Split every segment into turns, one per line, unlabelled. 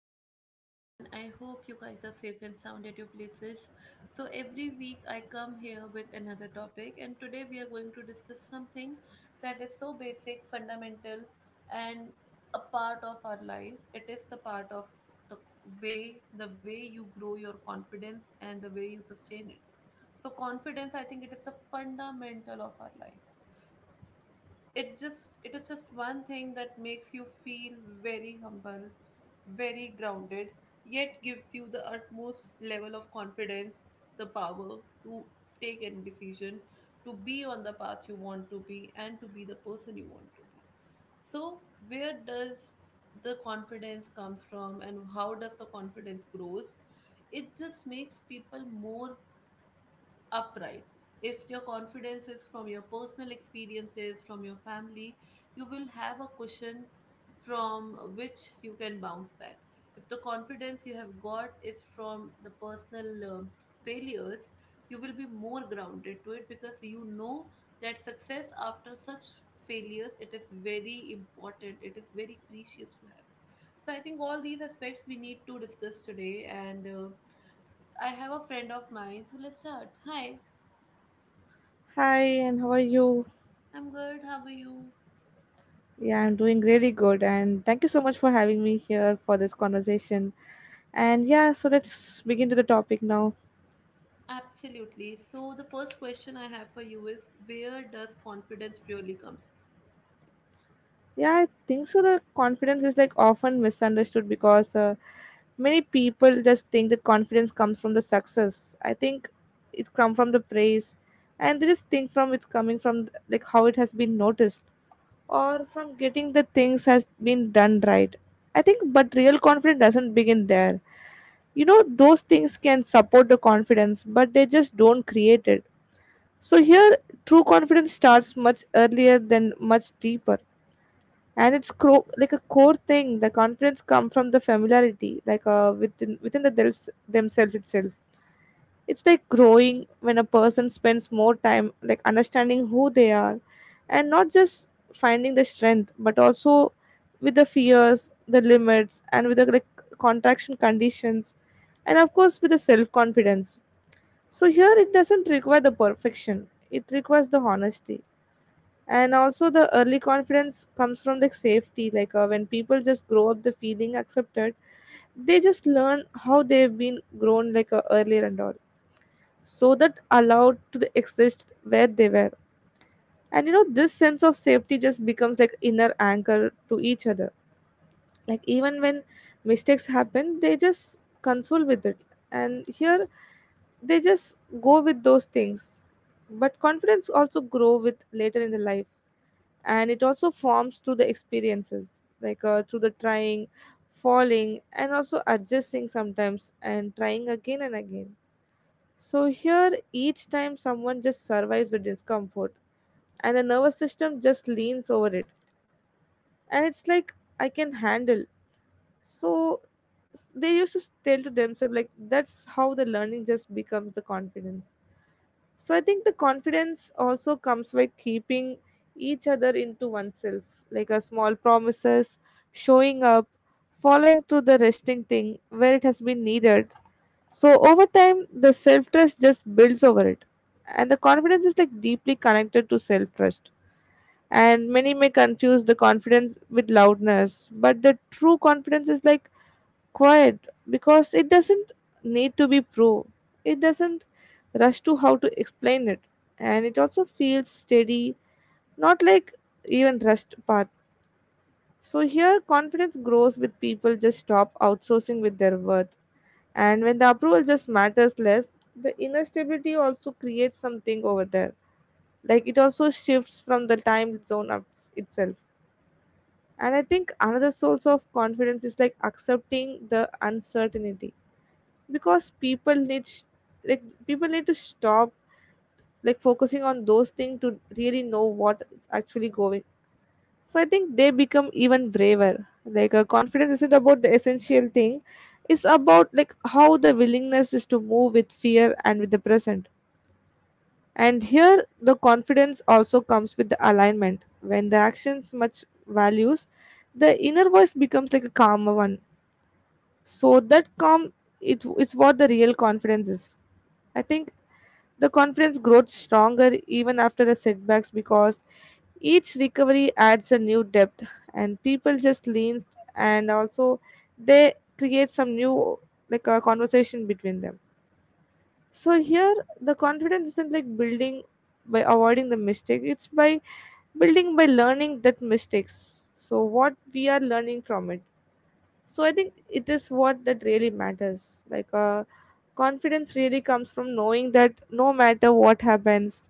welcome to everyone. I hope you guys are safe and sound at your places. So, every week I come here with another topic, and today we are going to discuss something that is so basic, fundamental, and a part of our life. It is the part of the the way you grow your confidence and the way you sustain it. So confidence I think it is the fundamental of our life it is just one thing that makes you feel very humble, very grounded, yet gives you the utmost level of confidence, the power to take any decision, to be on the path you want to be and to be the person you want to be. So where does the confidence comes from and how does the confidence grows? It just makes people more upright. If your confidence is from your personal experiences, from your family, you will have a cushion from which you can bounce back. If the confidence you have got is from the personal failures, you will be more grounded to it because you know that success after such failures, it is very important, it is very precious to have. So I think all these aspects we need to discuss today. And I have a friend of mine, so let's start. Hi.
Hi, and how are you?
I'm good. How are you?
Yeah, I'm doing really good, and thank you so much for having me here for this conversation. And yeah, so let's begin to the topic now.
Absolutely. So, the first question I have for you is where does confidence really come from?
Yeah, I think so. The confidence is like often misunderstood because many people just think that confidence comes from the success. I think it comes from the praise, and they just think from it's coming from like how it has been noticed or from getting the things has been done right. I think, but real confidence doesn't begin there. You know, those things can support the confidence, but they just don't create it. So here true confidence starts much earlier than much deeper, and like a core thing. The confidence come from the familiarity like within the themselves itself. It's like growing when a person spends more time like understanding who they are, and not just finding the strength but also with the fears, the limits, and with the like contraction conditions, and of course with the self confidence. So here it doesn't require the perfection. It requires the honesty. And also the early confidence comes from the safety like when people just grow up the feeling accepted, they just learn how they've been grown like earlier and all, so that allowed to exist where they were. And you know this sense of safety just becomes like inner anchor to each other, like even when mistakes happen they just console with it. And here they just go with those things. But confidence also grow with later in the life, and it also forms through the experiences like through the trying, falling, and also adjusting sometimes and trying again and again. So here, each time someone just survives the discomfort, and the nervous system just leans over it, and it's like I can handle. So they used to tell to themselves, like that's how the learning just becomes the confidence. So I think the confidence also comes by keeping each other into oneself, like a small promises, showing up, following through the resting thing where it has been needed, so over time, the self trust just builds over it. And the confidence is like deeply connected to self trust. And many may confuse the confidence with loudness, but the true confidence is like quiet because it doesn't need to be proved. It doesn't rush to how to explain it. And it also feels steady, not like even rushed path. So here confidence grows with people just stop outsourcing with their worth, and when the approval just matters less, the inner stability also creates something over there, like it also shifts from the time zone of itself. And I think another source of confidence is like accepting the uncertainty, because people need like people need to stop like focusing on those things to really know what's actually going. So I think they become even braver. Like confidence isn't about the essential thing. It's about like how the willingness is to move with fear and with the present. And here the confidence also comes with the alignment. When the actions match values, the inner voice becomes like a calmer one. So that calm, it is what the real confidence is. I think the confidence grows stronger even after the setbacks, because each recovery adds a new depth, and people just lean, and also they create some new like a conversation between them. So here, the confidence isn't like building by avoiding the mistake; it's by building by learning that mistakes. So what we are learning from it. So I think it is what that really matters. Like confidence really comes from knowing that no matter what happens,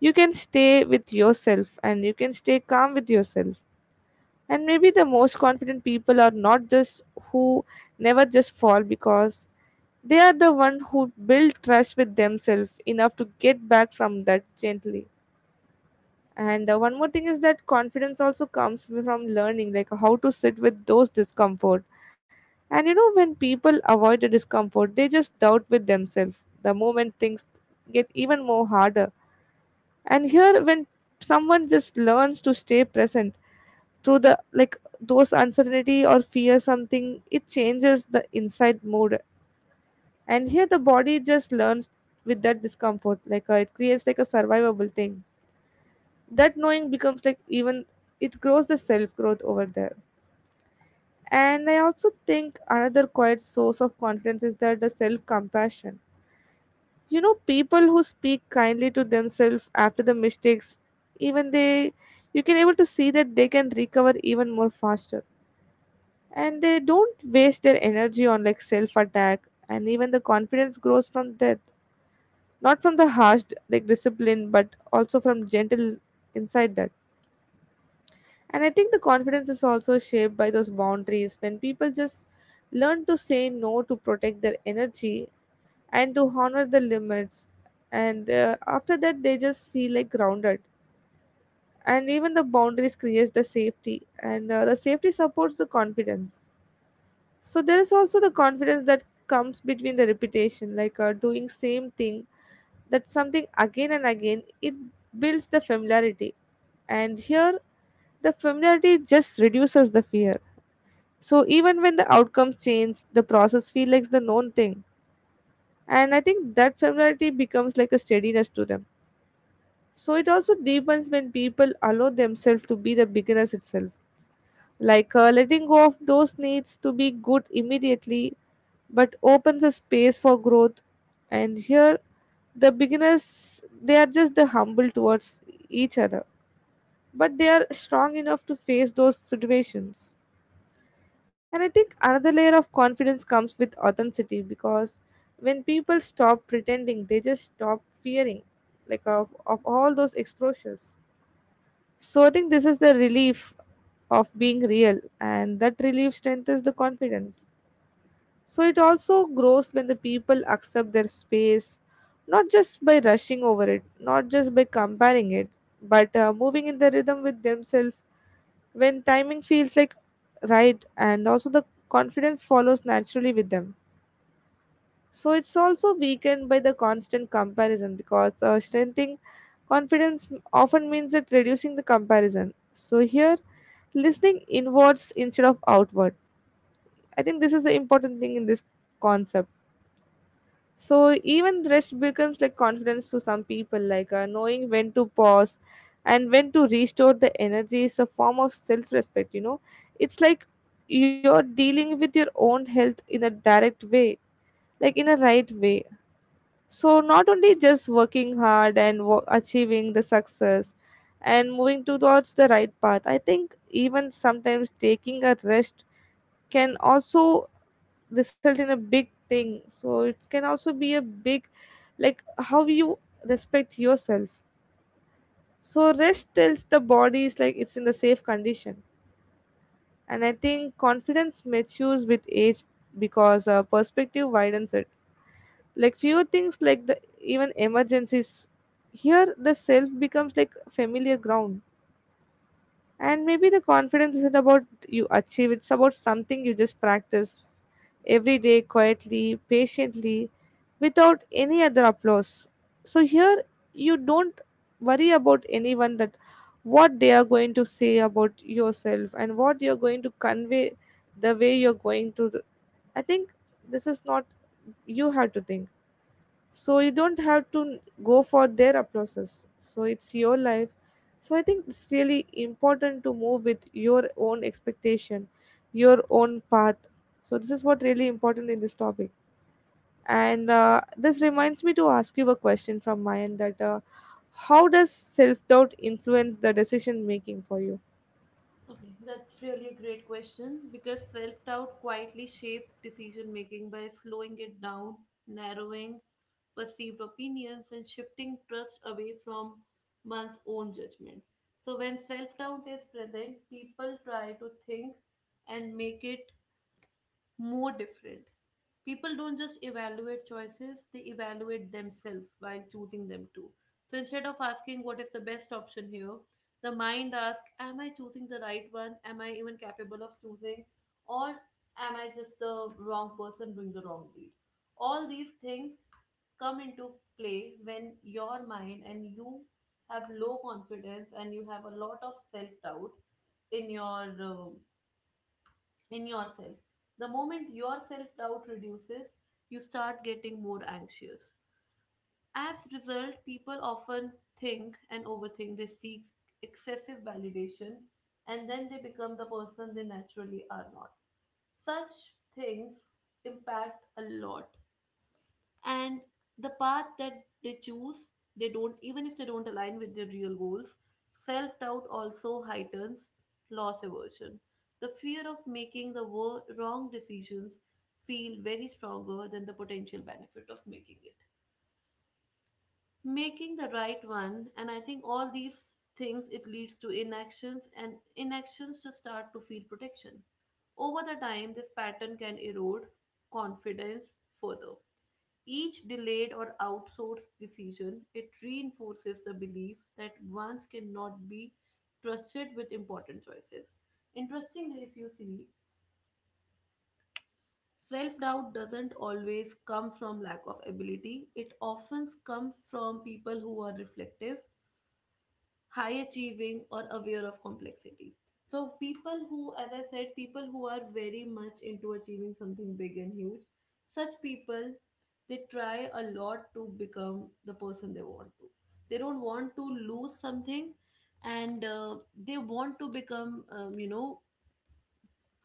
you can stay with yourself and you can stay calm with yourself. And maybe the most confident people are not just who never just fall, because they are the one who build trust with themselves enough to get back from that gently. And one more thing is that confidence also comes from learning like how to sit with those discomfort. And you know when people avoid the discomfort, they just doubt with themselves. The moment things get even more harder. And here when someone just learns to stay present through the like those uncertainty or fear something, it changes the inside mood. And here the body just learns with that discomfort. Like it creates like a survivable thing, that knowing becomes like even it grows the self growth over there. And I also think another quiet source of confidence is that the self compassion. You know people who speak kindly to themselves after the mistakes, even they, you can able to see that they can recover even more faster, and they don't waste their energy on like self attack. And even the confidence grows from that, not from the harsh like discipline, but also from gentle inside that. And I think the confidence is also shaped by those boundaries. When people just learn to say no to protect their energy and to honor the limits, and after that they just feel like grounded. And even the boundaries creates the safety, and the safety supports the confidence. So there is also the confidence that comes between the repetition, like doing same thing, that something again and again, it builds the familiarity. And here the familiarity just reduces the fear. So even when the outcomes change, the process feels like the known thing. And I think that familiarity becomes like a steadiness to them. So it also deepens when people allow themselves to be the beginners itself, like letting go of those needs to be good immediately, but opens a space for growth. And here the beginners, they are just the humble towards each other, but they are strong enough to face those situations. And I think another layer of confidence comes with authenticity, because when people stop pretending, they just stop fearing like of all those exposures. So I think this is the relief of being real, and that relief strengthens the confidence. So it also grows when the people accept their space, not just by rushing over it, not just by comparing it, but moving in the rhythm with themselves. When timing feels like right, and also the confidence follows naturally with them. So it's also weakened by the constant comparison, because strengthening confidence often means that reducing the comparison. So here listening inwards instead of outward. I think this is the important thing in this concept. So even rest becomes like confidence to some people, like knowing when to pause and when to restore the energy is a form of self-respect. You know, it's like you're dealing with your own health in a direct way, like in a right way. So not only just working hard and achieving the success and moving towards the right path. I think even sometimes taking a rest can also result in a big thing, so it can also be a big like how you respect yourself. So rest tells the body is like it's in the safe condition. And I think confidence matures with age, because perspective widens it, like few things like the even emergencies. Here the self becomes like familiar ground. And maybe the confidence isn't about you achieve, it's about something you just practice every day quietly, patiently, without any other applause. So here you don't worry about anyone that what they are going to say about yourself and what you're going to convey, the way you're going to, I think this is not you have to think. So you don't have to go for their applauses. So it's your life. So I think it's really important to move with your own expectation, your own path. So this is what really important in this topic. And this reminds me to ask you a question from my end, that how does self-doubt influence the decision making for you?
Okay, that's really a great question because self doubt quietly shapes decision making by slowing it down, narrowing perceived opinions, and shifting trust away from one's own judgment. So, when self doubt is present, people try to think and make it more different. People don't just evaluate choices, they evaluate themselves while choosing them too. So instead of asking what is the best option here, the mind asks, am I choosing the right one? Am I even capable of choosing? Or am I just the wrong person doing the wrong deed? All these things come into play when your mind and you have low confidence and you have a lot of self doubt in your in yourself. The moment your self doubt reduces, you start getting more anxious. As result, people often think and overthink. They seek excessive validation and then they become the person they naturally are not. Such things impact a lot, and the path that they choose, they don't even if they don't align with their real goals. Self-doubt also heightens loss aversion. The fear of making the wrong decisions feel very stronger than the potential benefit of making the right one. And I think all these things, it leads to inactions, and inactions just start to feel protection. Over the time, this pattern can erode confidence further. Each delayed or outsourced decision, it reinforces the belief that ones cannot be trusted with important choices. Interestingly, if you see, self doubt doesn't always come from lack of ability, it often comes from people who are reflective, high achieving, or aware of complexity. So people who, as I said, people who are very much into achieving something big and huge, such people, they try a lot to become the person they want to. They don't want to lose something, and they want to become, you know,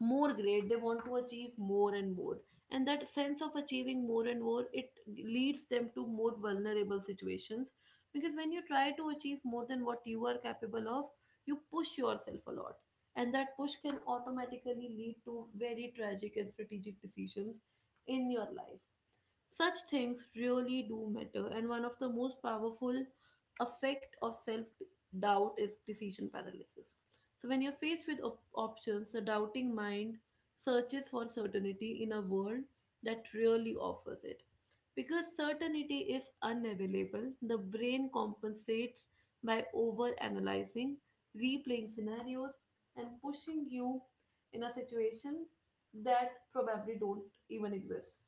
more great. They want to achieve more and more, and that sense of achieving more and more, it leads them to more vulnerable situations, because when you try to achieve more than what you are capable of, you push yourself a lot, and that push can automatically lead to very tragic and strategic decisions in your life. Such things really do matter, and one of the most powerful effect of self doubt is decision paralysis. So when you're faced with options, the doubting mind searches for certainty in a world that really offers it. Because certainty is unavailable, the brain compensates by overanalyzing, replaying scenarios, and pushing you in a situation that probably don't even exist.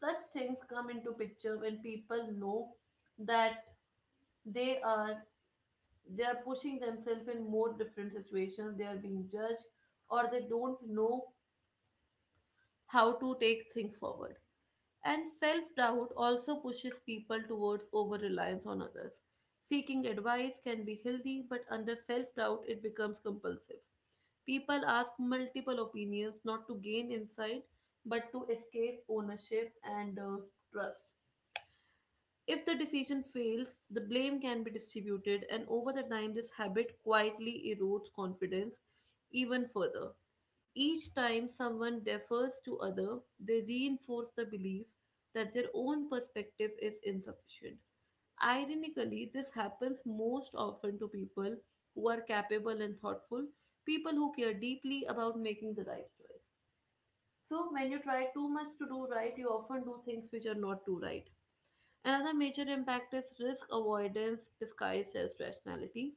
Such things come into picture when people know that they are they are pushing themselves in more different situations, they are being judged, or they don't know how to take things forward. And self doubt also pushes people towards over reliance on others. Seeking advice can be healthy, but under self doubt it becomes compulsive. People ask multiple opinions not to gain insight, but to escape ownership and trust. If the decision fails, the blame can be distributed, and over the time, this habit quietly erodes confidence even further. Each time someone defers to other, they reinforce the belief that their own perspective is insufficient. Ironically, this happens most often to people who are capable and thoughtful, people who care deeply about making the right choice. So, when you try too much to do right, you often do things which are not too right. Another major impact is risk avoidance disguised as rationality.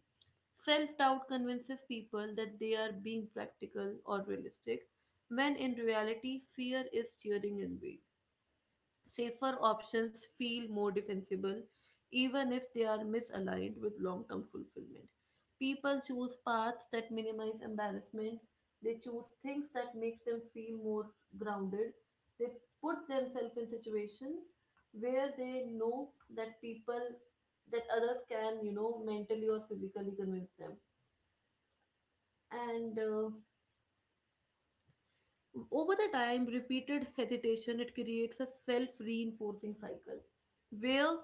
Self doubt convinces people that they are being practical or realistic, when in reality, fear is steering in ways. Safer options feel more defensible, even if they are misaligned with long term fulfillment. People choose paths that minimize embarrassment, they choose things that makes them feel more grounded, they put themselves in situations where they know that people that others can, you know, mentally or physically convince them. And over the time, repeated hesitation, it creates a self-reinforcing cycle where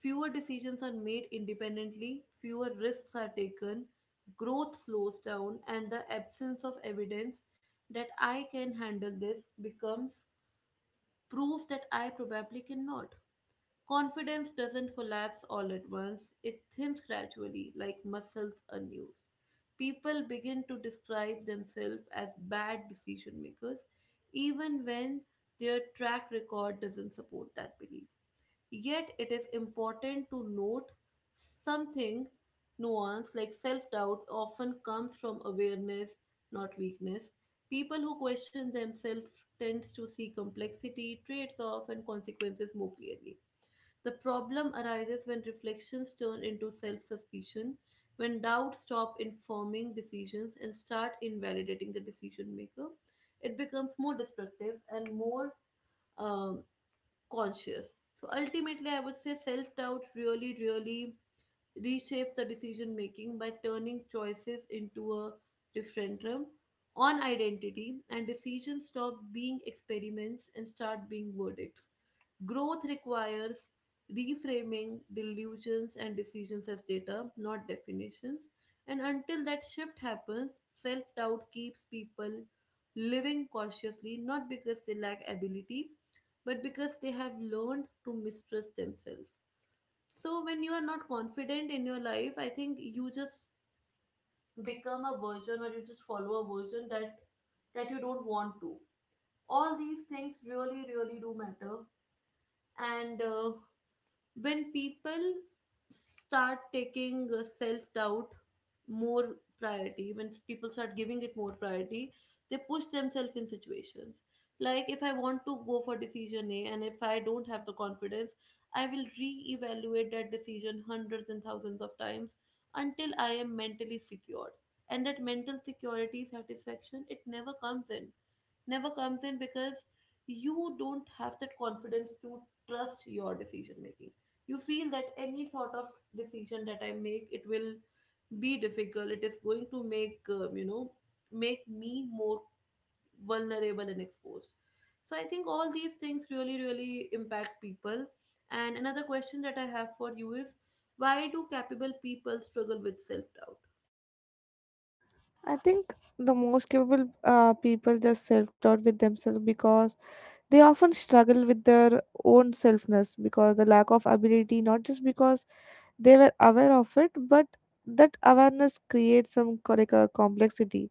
fewer decisions are made independently, fewer risks are taken, growth slows down, and the absence of evidence that I can handle this becomes proof that I probably cannot. Confidence doesn't collapse all at once, it thins gradually, like muscles unused. People begin to describe themselves as bad decision makers, even when their track record doesn't support that belief. Yet, it is important to note something nuance like self doubt often comes from awareness, not weakness. People who question themselves tend to see complexity, trades off, and consequences more clearly. The problem arises when reflections turn into self suspicion, when doubts stop informing decisions and start invalidating the decision maker. It becomes more destructive and more um, conscious. So ultimately, I would say self doubt really, really reshapes the decision making by turning choices into a referendum on identity, and decisions stop being experiments and start being verdicts. Growth requires reframing delusions and decisions as data, not definitions. And until that shift happens, self doubt keeps people living cautiously, not because they lack ability, but because they have learned to mistrust themselves. So when you are not confident in your life, I think you just become a version or you just follow a version that you don't want to. All these things really, really do matter. And when people start taking self doubt more priority, when people start giving it more priority, they push themselves in situations like if I want to go for decision A, and if I don't have the confidence, I will re-evaluate that decision hundreds and thousands of times until I am mentally secured. And that mental security satisfaction, it never comes in, because you don't have that confidence to trust your decision making. You feel that any sort of decision that I make, it will be difficult. It is going to make, you know, make me more vulnerable and exposed. So I think all these things really, really impact people. And another question that I have for you is why do capable people struggle with self doubt?
I think the most capable people just self-doubt with themselves because they often struggle with their own selfness because the lack of ability, not just because they were aware of it, but that awareness creates some like a complexity.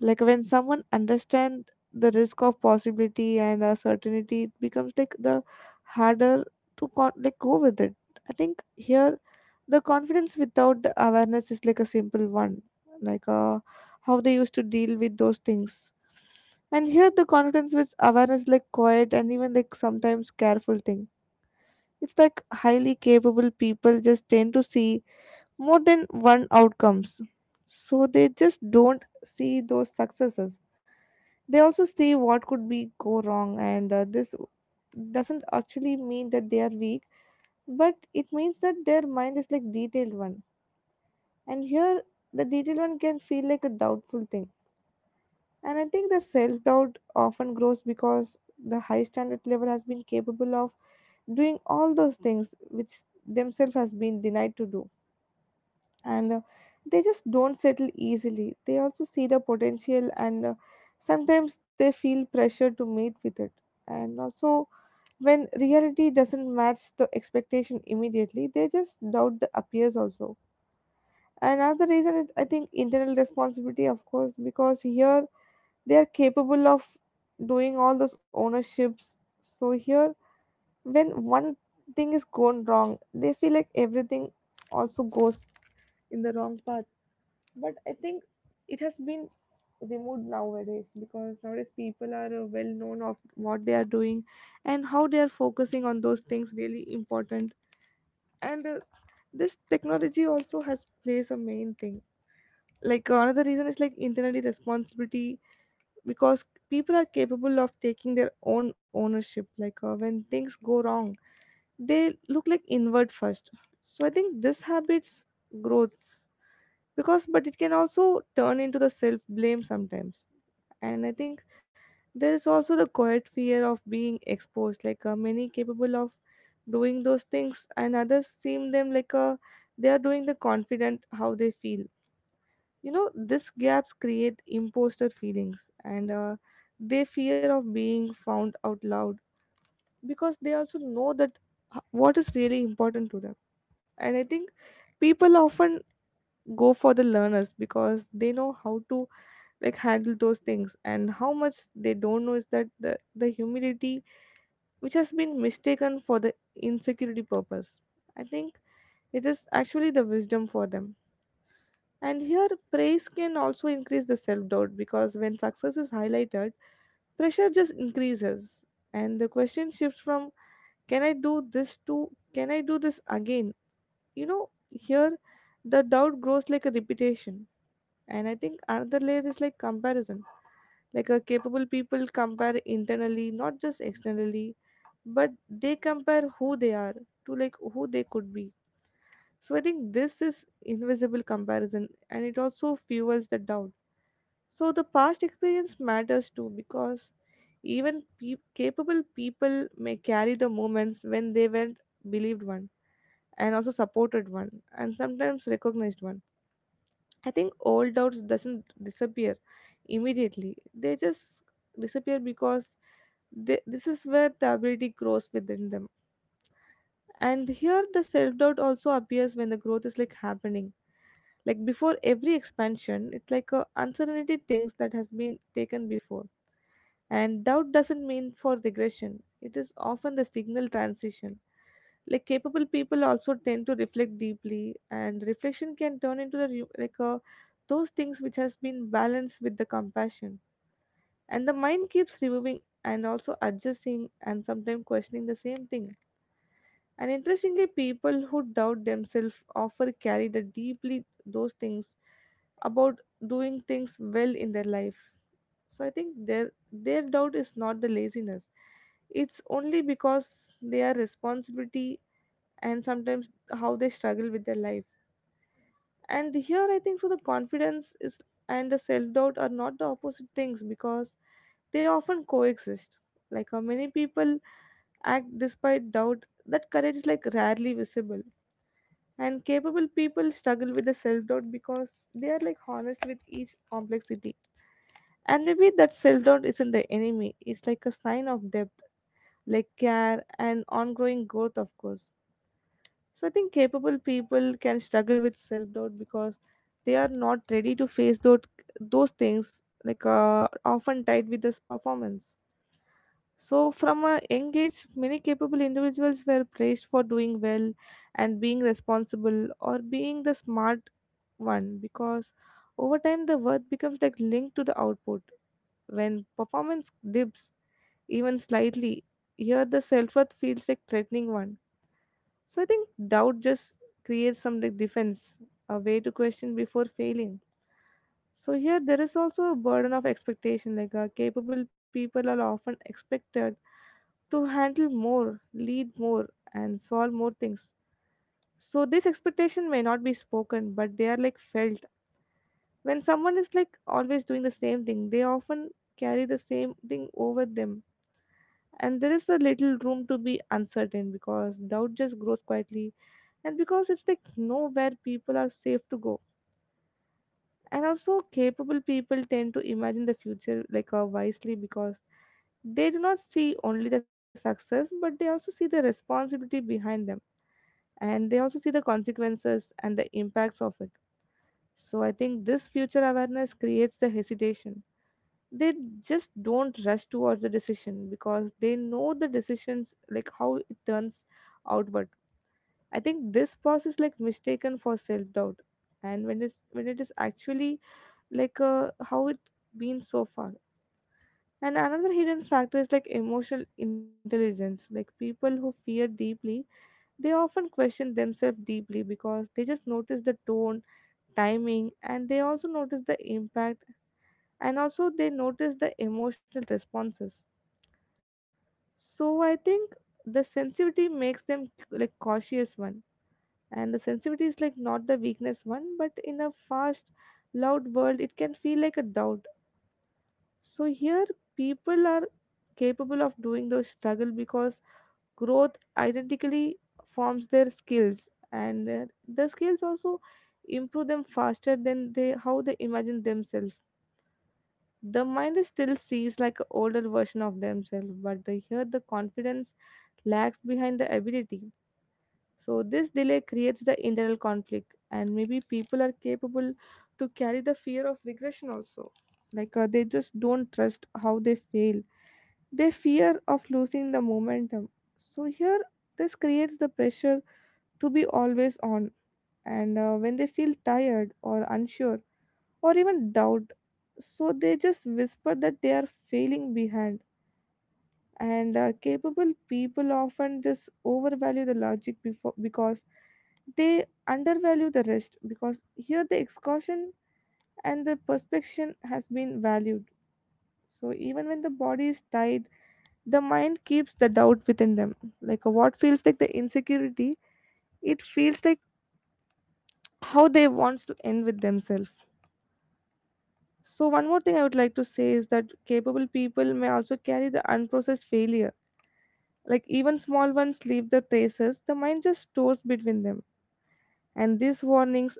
Like when someone understands the risk of possibility and certainty, it becomes like the harder to like go with it. I think here the confidence without the awareness is like a simple one, like how they used to deal with those things. And here the confidence with awareness is like quiet and even like sometimes careful thing. It's like highly capable people just tend to see more than one outcomes, so they just don't see those successes. They also see what could be go wrong, and this doesn't actually mean that they are weak, but it means that their mind is like detailed one. And here, the detailed one can feel like a doubtful thing. And I think the self doubt often grows because the high standard level has been capable of doing all those things which themselves has been denied to do. And they just don't settle easily. They also see the potential, and sometimes they feel pressure to meet with it. And also, when reality doesn't match the expectation immediately, they just doubt the appears also. Another reason is, I think, internal responsibility, of course, because here they are capable of doing all those ownerships. So here, when one thing is gone wrong, they feel like everything also goes in the wrong path. But I think it has been removed nowadays, because nowadays people are well known of what they are doing and how they are focusing on those things really important. And this technology also has plays a main thing. Like another reason is like internally responsibility, because people are capable of taking their own ownership, like when things go wrong they look like inward first. So I think this habits growths, because but it can also turn into the self blame sometimes. And I think there is also the quiet fear of being exposed, like many capable of doing those things and others seem them like they are doing the confident how they feel. You know, these gaps create imposter feelings, and they fear of being found out loud, because they also know that what is really important to them. And I think people often go for the learners, because they know how to like handle those things, and how much they don't know is that the humility which has been mistaken for the insecurity purpose. I think it is actually the wisdom for them. And here, praise can also increase the self doubt, because when success is highlighted, pressure just increases. And the question shifts from, can I do this, to, can I do this again? You know, here the doubt grows like a repetition. And I think another layer is like comparison. Like a capable people compare internally, not just externally, but they compare who they are to like who they could be. So I think this is invisible comparison and it also fuels the doubt. So the past experience matters too, because capable people may carry the moments when they weren't believed one, and also supported one, and sometimes recognized one. I think old doubts doesn't disappear immediately. They just disappear because this is where the ability grows within them. And here the self-doubt also appears when the growth is like happening. Like before every expansion, it's like a uncertainty things that has been taken before. And doubt doesn't mean for regression, it is often the signal transition. Like capable people also tend to reflect deeply, and reflection can turn into the those things which has been balanced with the compassion. And the mind keeps removing and also adjusting and sometimes questioning the same thing. And interestingly, people who doubt themselves often carry the deeply those things about doing things well in their life. So I think their doubt is not the laziness. It's only because they are responsibility, and sometimes how they struggle with their life. And here I think so the confidence is and the self-doubt are not the opposite things, because they often coexist. Like how many people act despite doubt, that courage is like rarely visible. And capable people struggle with the self-doubt because they are like honest with each complexity. And maybe that self-doubt isn't the enemy, it's like a sign of depth, like care and ongoing growth, of course. So I think capable people can struggle with self doubt because they are not ready to face those things, like often tied with this performance. So from a young age, many capable individuals were praised for doing well and being responsible or being the smart one, because over time the worth becomes like linked to the output. When performance dips even slightly, here the self worth feels like threatening one. So I think doubt just creates some like defense, a way to question before failing. So here there is also a burden of expectation, like capable people are often expected to handle more, lead more, and solve more things. So this expectation may not be spoken, but they are like felt. When someone is like always doing the same thing, they often carry the same thing over them. And there is a little room to be uncertain, because doubt just grows quietly, and because it's like nowhere people are safe to go. And also capable people tend to imagine the future like wisely, because they do not see only the success but they also see the responsibility behind them, and they also see the consequences and the impacts of it. So I think this future awareness creates the hesitation. They just don't rush towards the decision because they know the decisions like how it turns outward. I think this pause is like mistaken for self doubt, and when it's when it is actually like how it been so far. And another hidden factor is like emotional intelligence. Like people who fear deeply, they often question themselves deeply because they just notice the tone, timing, and they also notice the impact, and also they notice the emotional responses. So I think the sensitivity makes them like cautious one, and the sensitivity is like not the weakness one, but in a fast loud world it can feel like a doubt. So here people are capable of doing those struggle because growth identically forms their skills, and the skills also improve them faster than they how they imagine themselves. The mind is still sees like an older version of themselves, but here the confidence lags behind the ability. So this delay creates the internal conflict, and maybe people are capable to carry the fear of regression also. Like they just don't trust how they fail. They fear of losing the momentum. So here, this creates the pressure to be always on. And when they feel tired or unsure or even doubt, so they just whisper that they are failing behind. And capable people often just overvalue the logic before, because they undervalue the rest, because here the exhaustion and the perspection has been valued. So even when the body is tied, the mind keeps the doubt within them. Like what feels like the insecurity, it feels like how they wants to end with themselves. So one more thing I would like to say is that capable people may also carry the unprocessed failure. Like even small ones leave the traces, the mind just stores between them. And these warnings,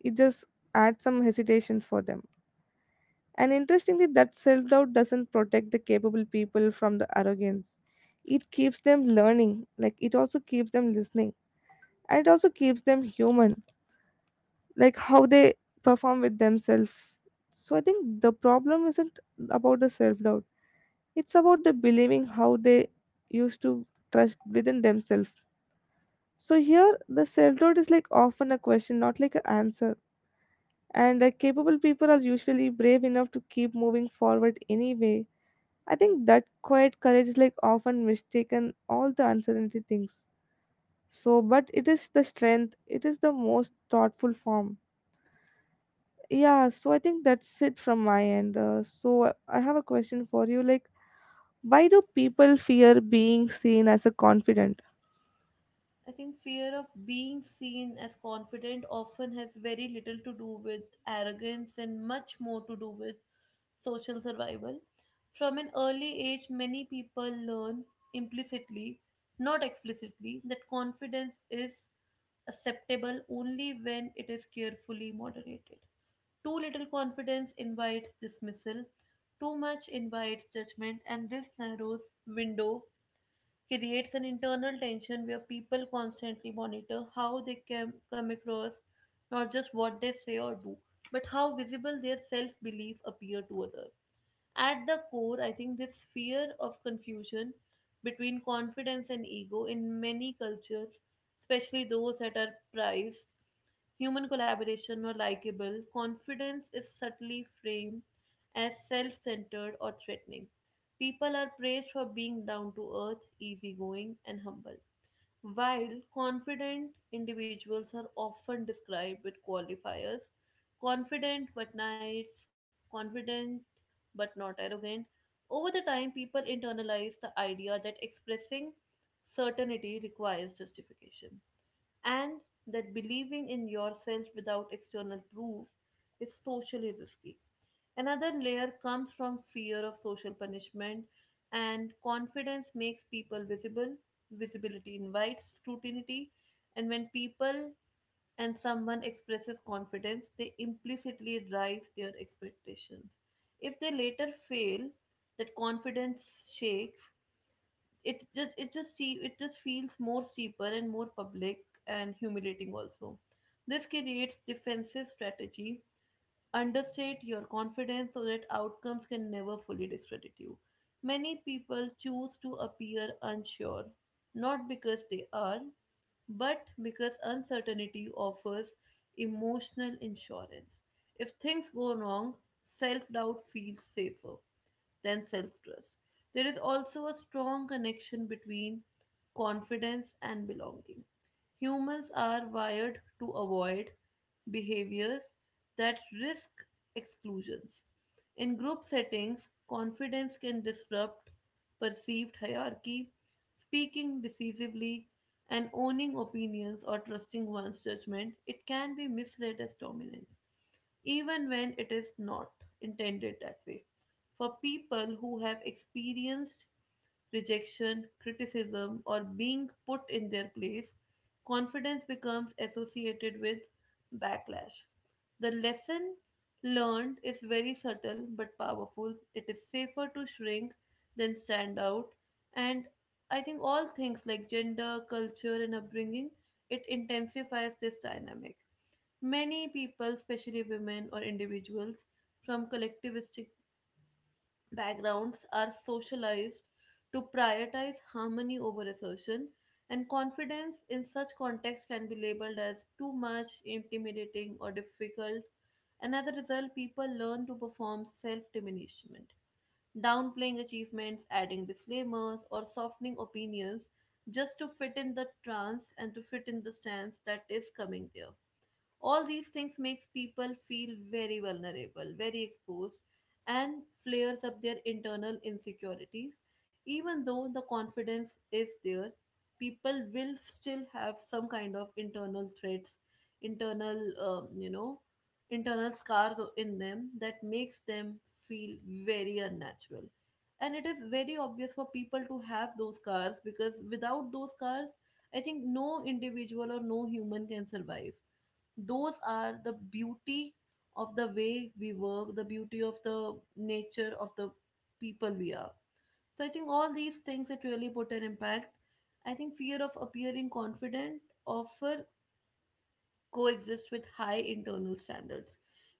it just adds some hesitation for them. And interestingly, that self doubt doesn't protect the capable people from the arrogance. It keeps them learning, like it also keeps them listening, and it also keeps them human, like how they perform with themselves. So I think the problem isn't about the self doubt, it's about the believing how they used to trust within themselves. So here, the self-doubt is like often a question, not like an answer. And capable people are usually brave enough to keep moving forward anyway. I think that quiet courage is like often mistaken all the uncertainty things. So, but it is the strength. It is the most thoughtful form. Yeah. So I think that's it from my end. So I have a question for you. Like, why do people fear being seen as a confident?
I think fear of being seen as confident often has very little to do with arrogance and much more to do with social survival. From an early age, many people learn implicitly, not explicitly, that confidence is acceptable only when it is carefully moderated. Too little confidence invites dismissal, too much invites judgment, and this narrows window creates an internal tension where people constantly monitor how they can come across, not just what they say or do, but how visible their self belief appear to others. At the core, I think this fear of confusion between confidence and ego in many cultures, especially those that are prized human collaboration or likable, confidence is subtly framed as self centered or threatening. People are praised for being down to earth, easygoing, and humble, while confident individuals are often described with qualifiers: confident but nice, confident but not arrogant. Over the time, people internalize the idea that expressing certainty requires justification and that believing in yourself without external proof is socially risky. Another layer comes from fear of social punishment, and confidence makes people visible. Visibility invites scrutiny, and when people and someone expresses confidence, they implicitly raise their expectations. If they later fail, that confidence shakes. It just feels more steeper and more public and humiliating also. This creates defensive strategy: understate your confidence so that outcomes can never fully discredit you. Many people choose to appear unsure, not because they are, but because uncertainty offers emotional insurance. If things go wrong, self doubt feels safer than self trust. There is also a strong connection between confidence and belonging. Humans are wired to avoid behaviors that risk exclusions. In group settings, confidence can disrupt perceived hierarchy. Speaking decisively, and owning opinions or trusting one's judgment, it can be misread as dominance, even when it is not intended that way. For people who have experienced rejection, criticism, or being put in their place, confidence becomes associated with backlash. The lesson learned is very subtle but powerful. It is safer to shrink than stand out. And I think all things like gender, culture, and upbringing, it intensifies this dynamic. Many people, especially women or individuals from collectivistic backgrounds are socialized to prioritize harmony over assertion, and confidence in such context can be labeled as too much, intimidating, or difficult. And as a result, people learn to perform self diminishment, downplaying achievements, adding disclaimers, or softening opinions just to fit in the trance and to fit in the stance that is coming there. All these things makes people feel very vulnerable, very exposed, and flares up their internal insecurities. Even though the confidence is there, people will still have some kind of internal threats, internal, you know, internal scars in them that makes them feel very unnatural. And it is very obvious for people to have those scars because without those scars, I think no individual or no human can survive. Those are the beauty of the way we work, the beauty of the nature of the people we are. So I think all these things that really put an impact. I think fear of appearing confident offer coexist with high internal standards.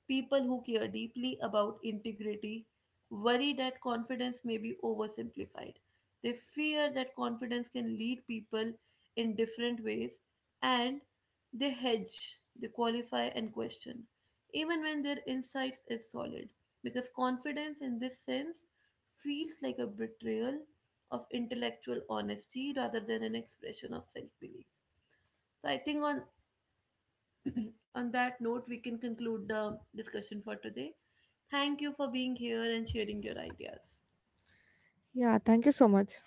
People who care deeply about integrity worry that confidence may be oversimplified. They fear that confidence can lead people in different ways, and they hedge, they qualify and question, even when their insights is solid. Because confidence in this sense feels like a betrayal of intellectual honesty rather than an expression of self belief. So I think on and on that note, we can conclude the discussion for today. Thank you for being here and sharing your ideas.
Yeah. Thank you so much.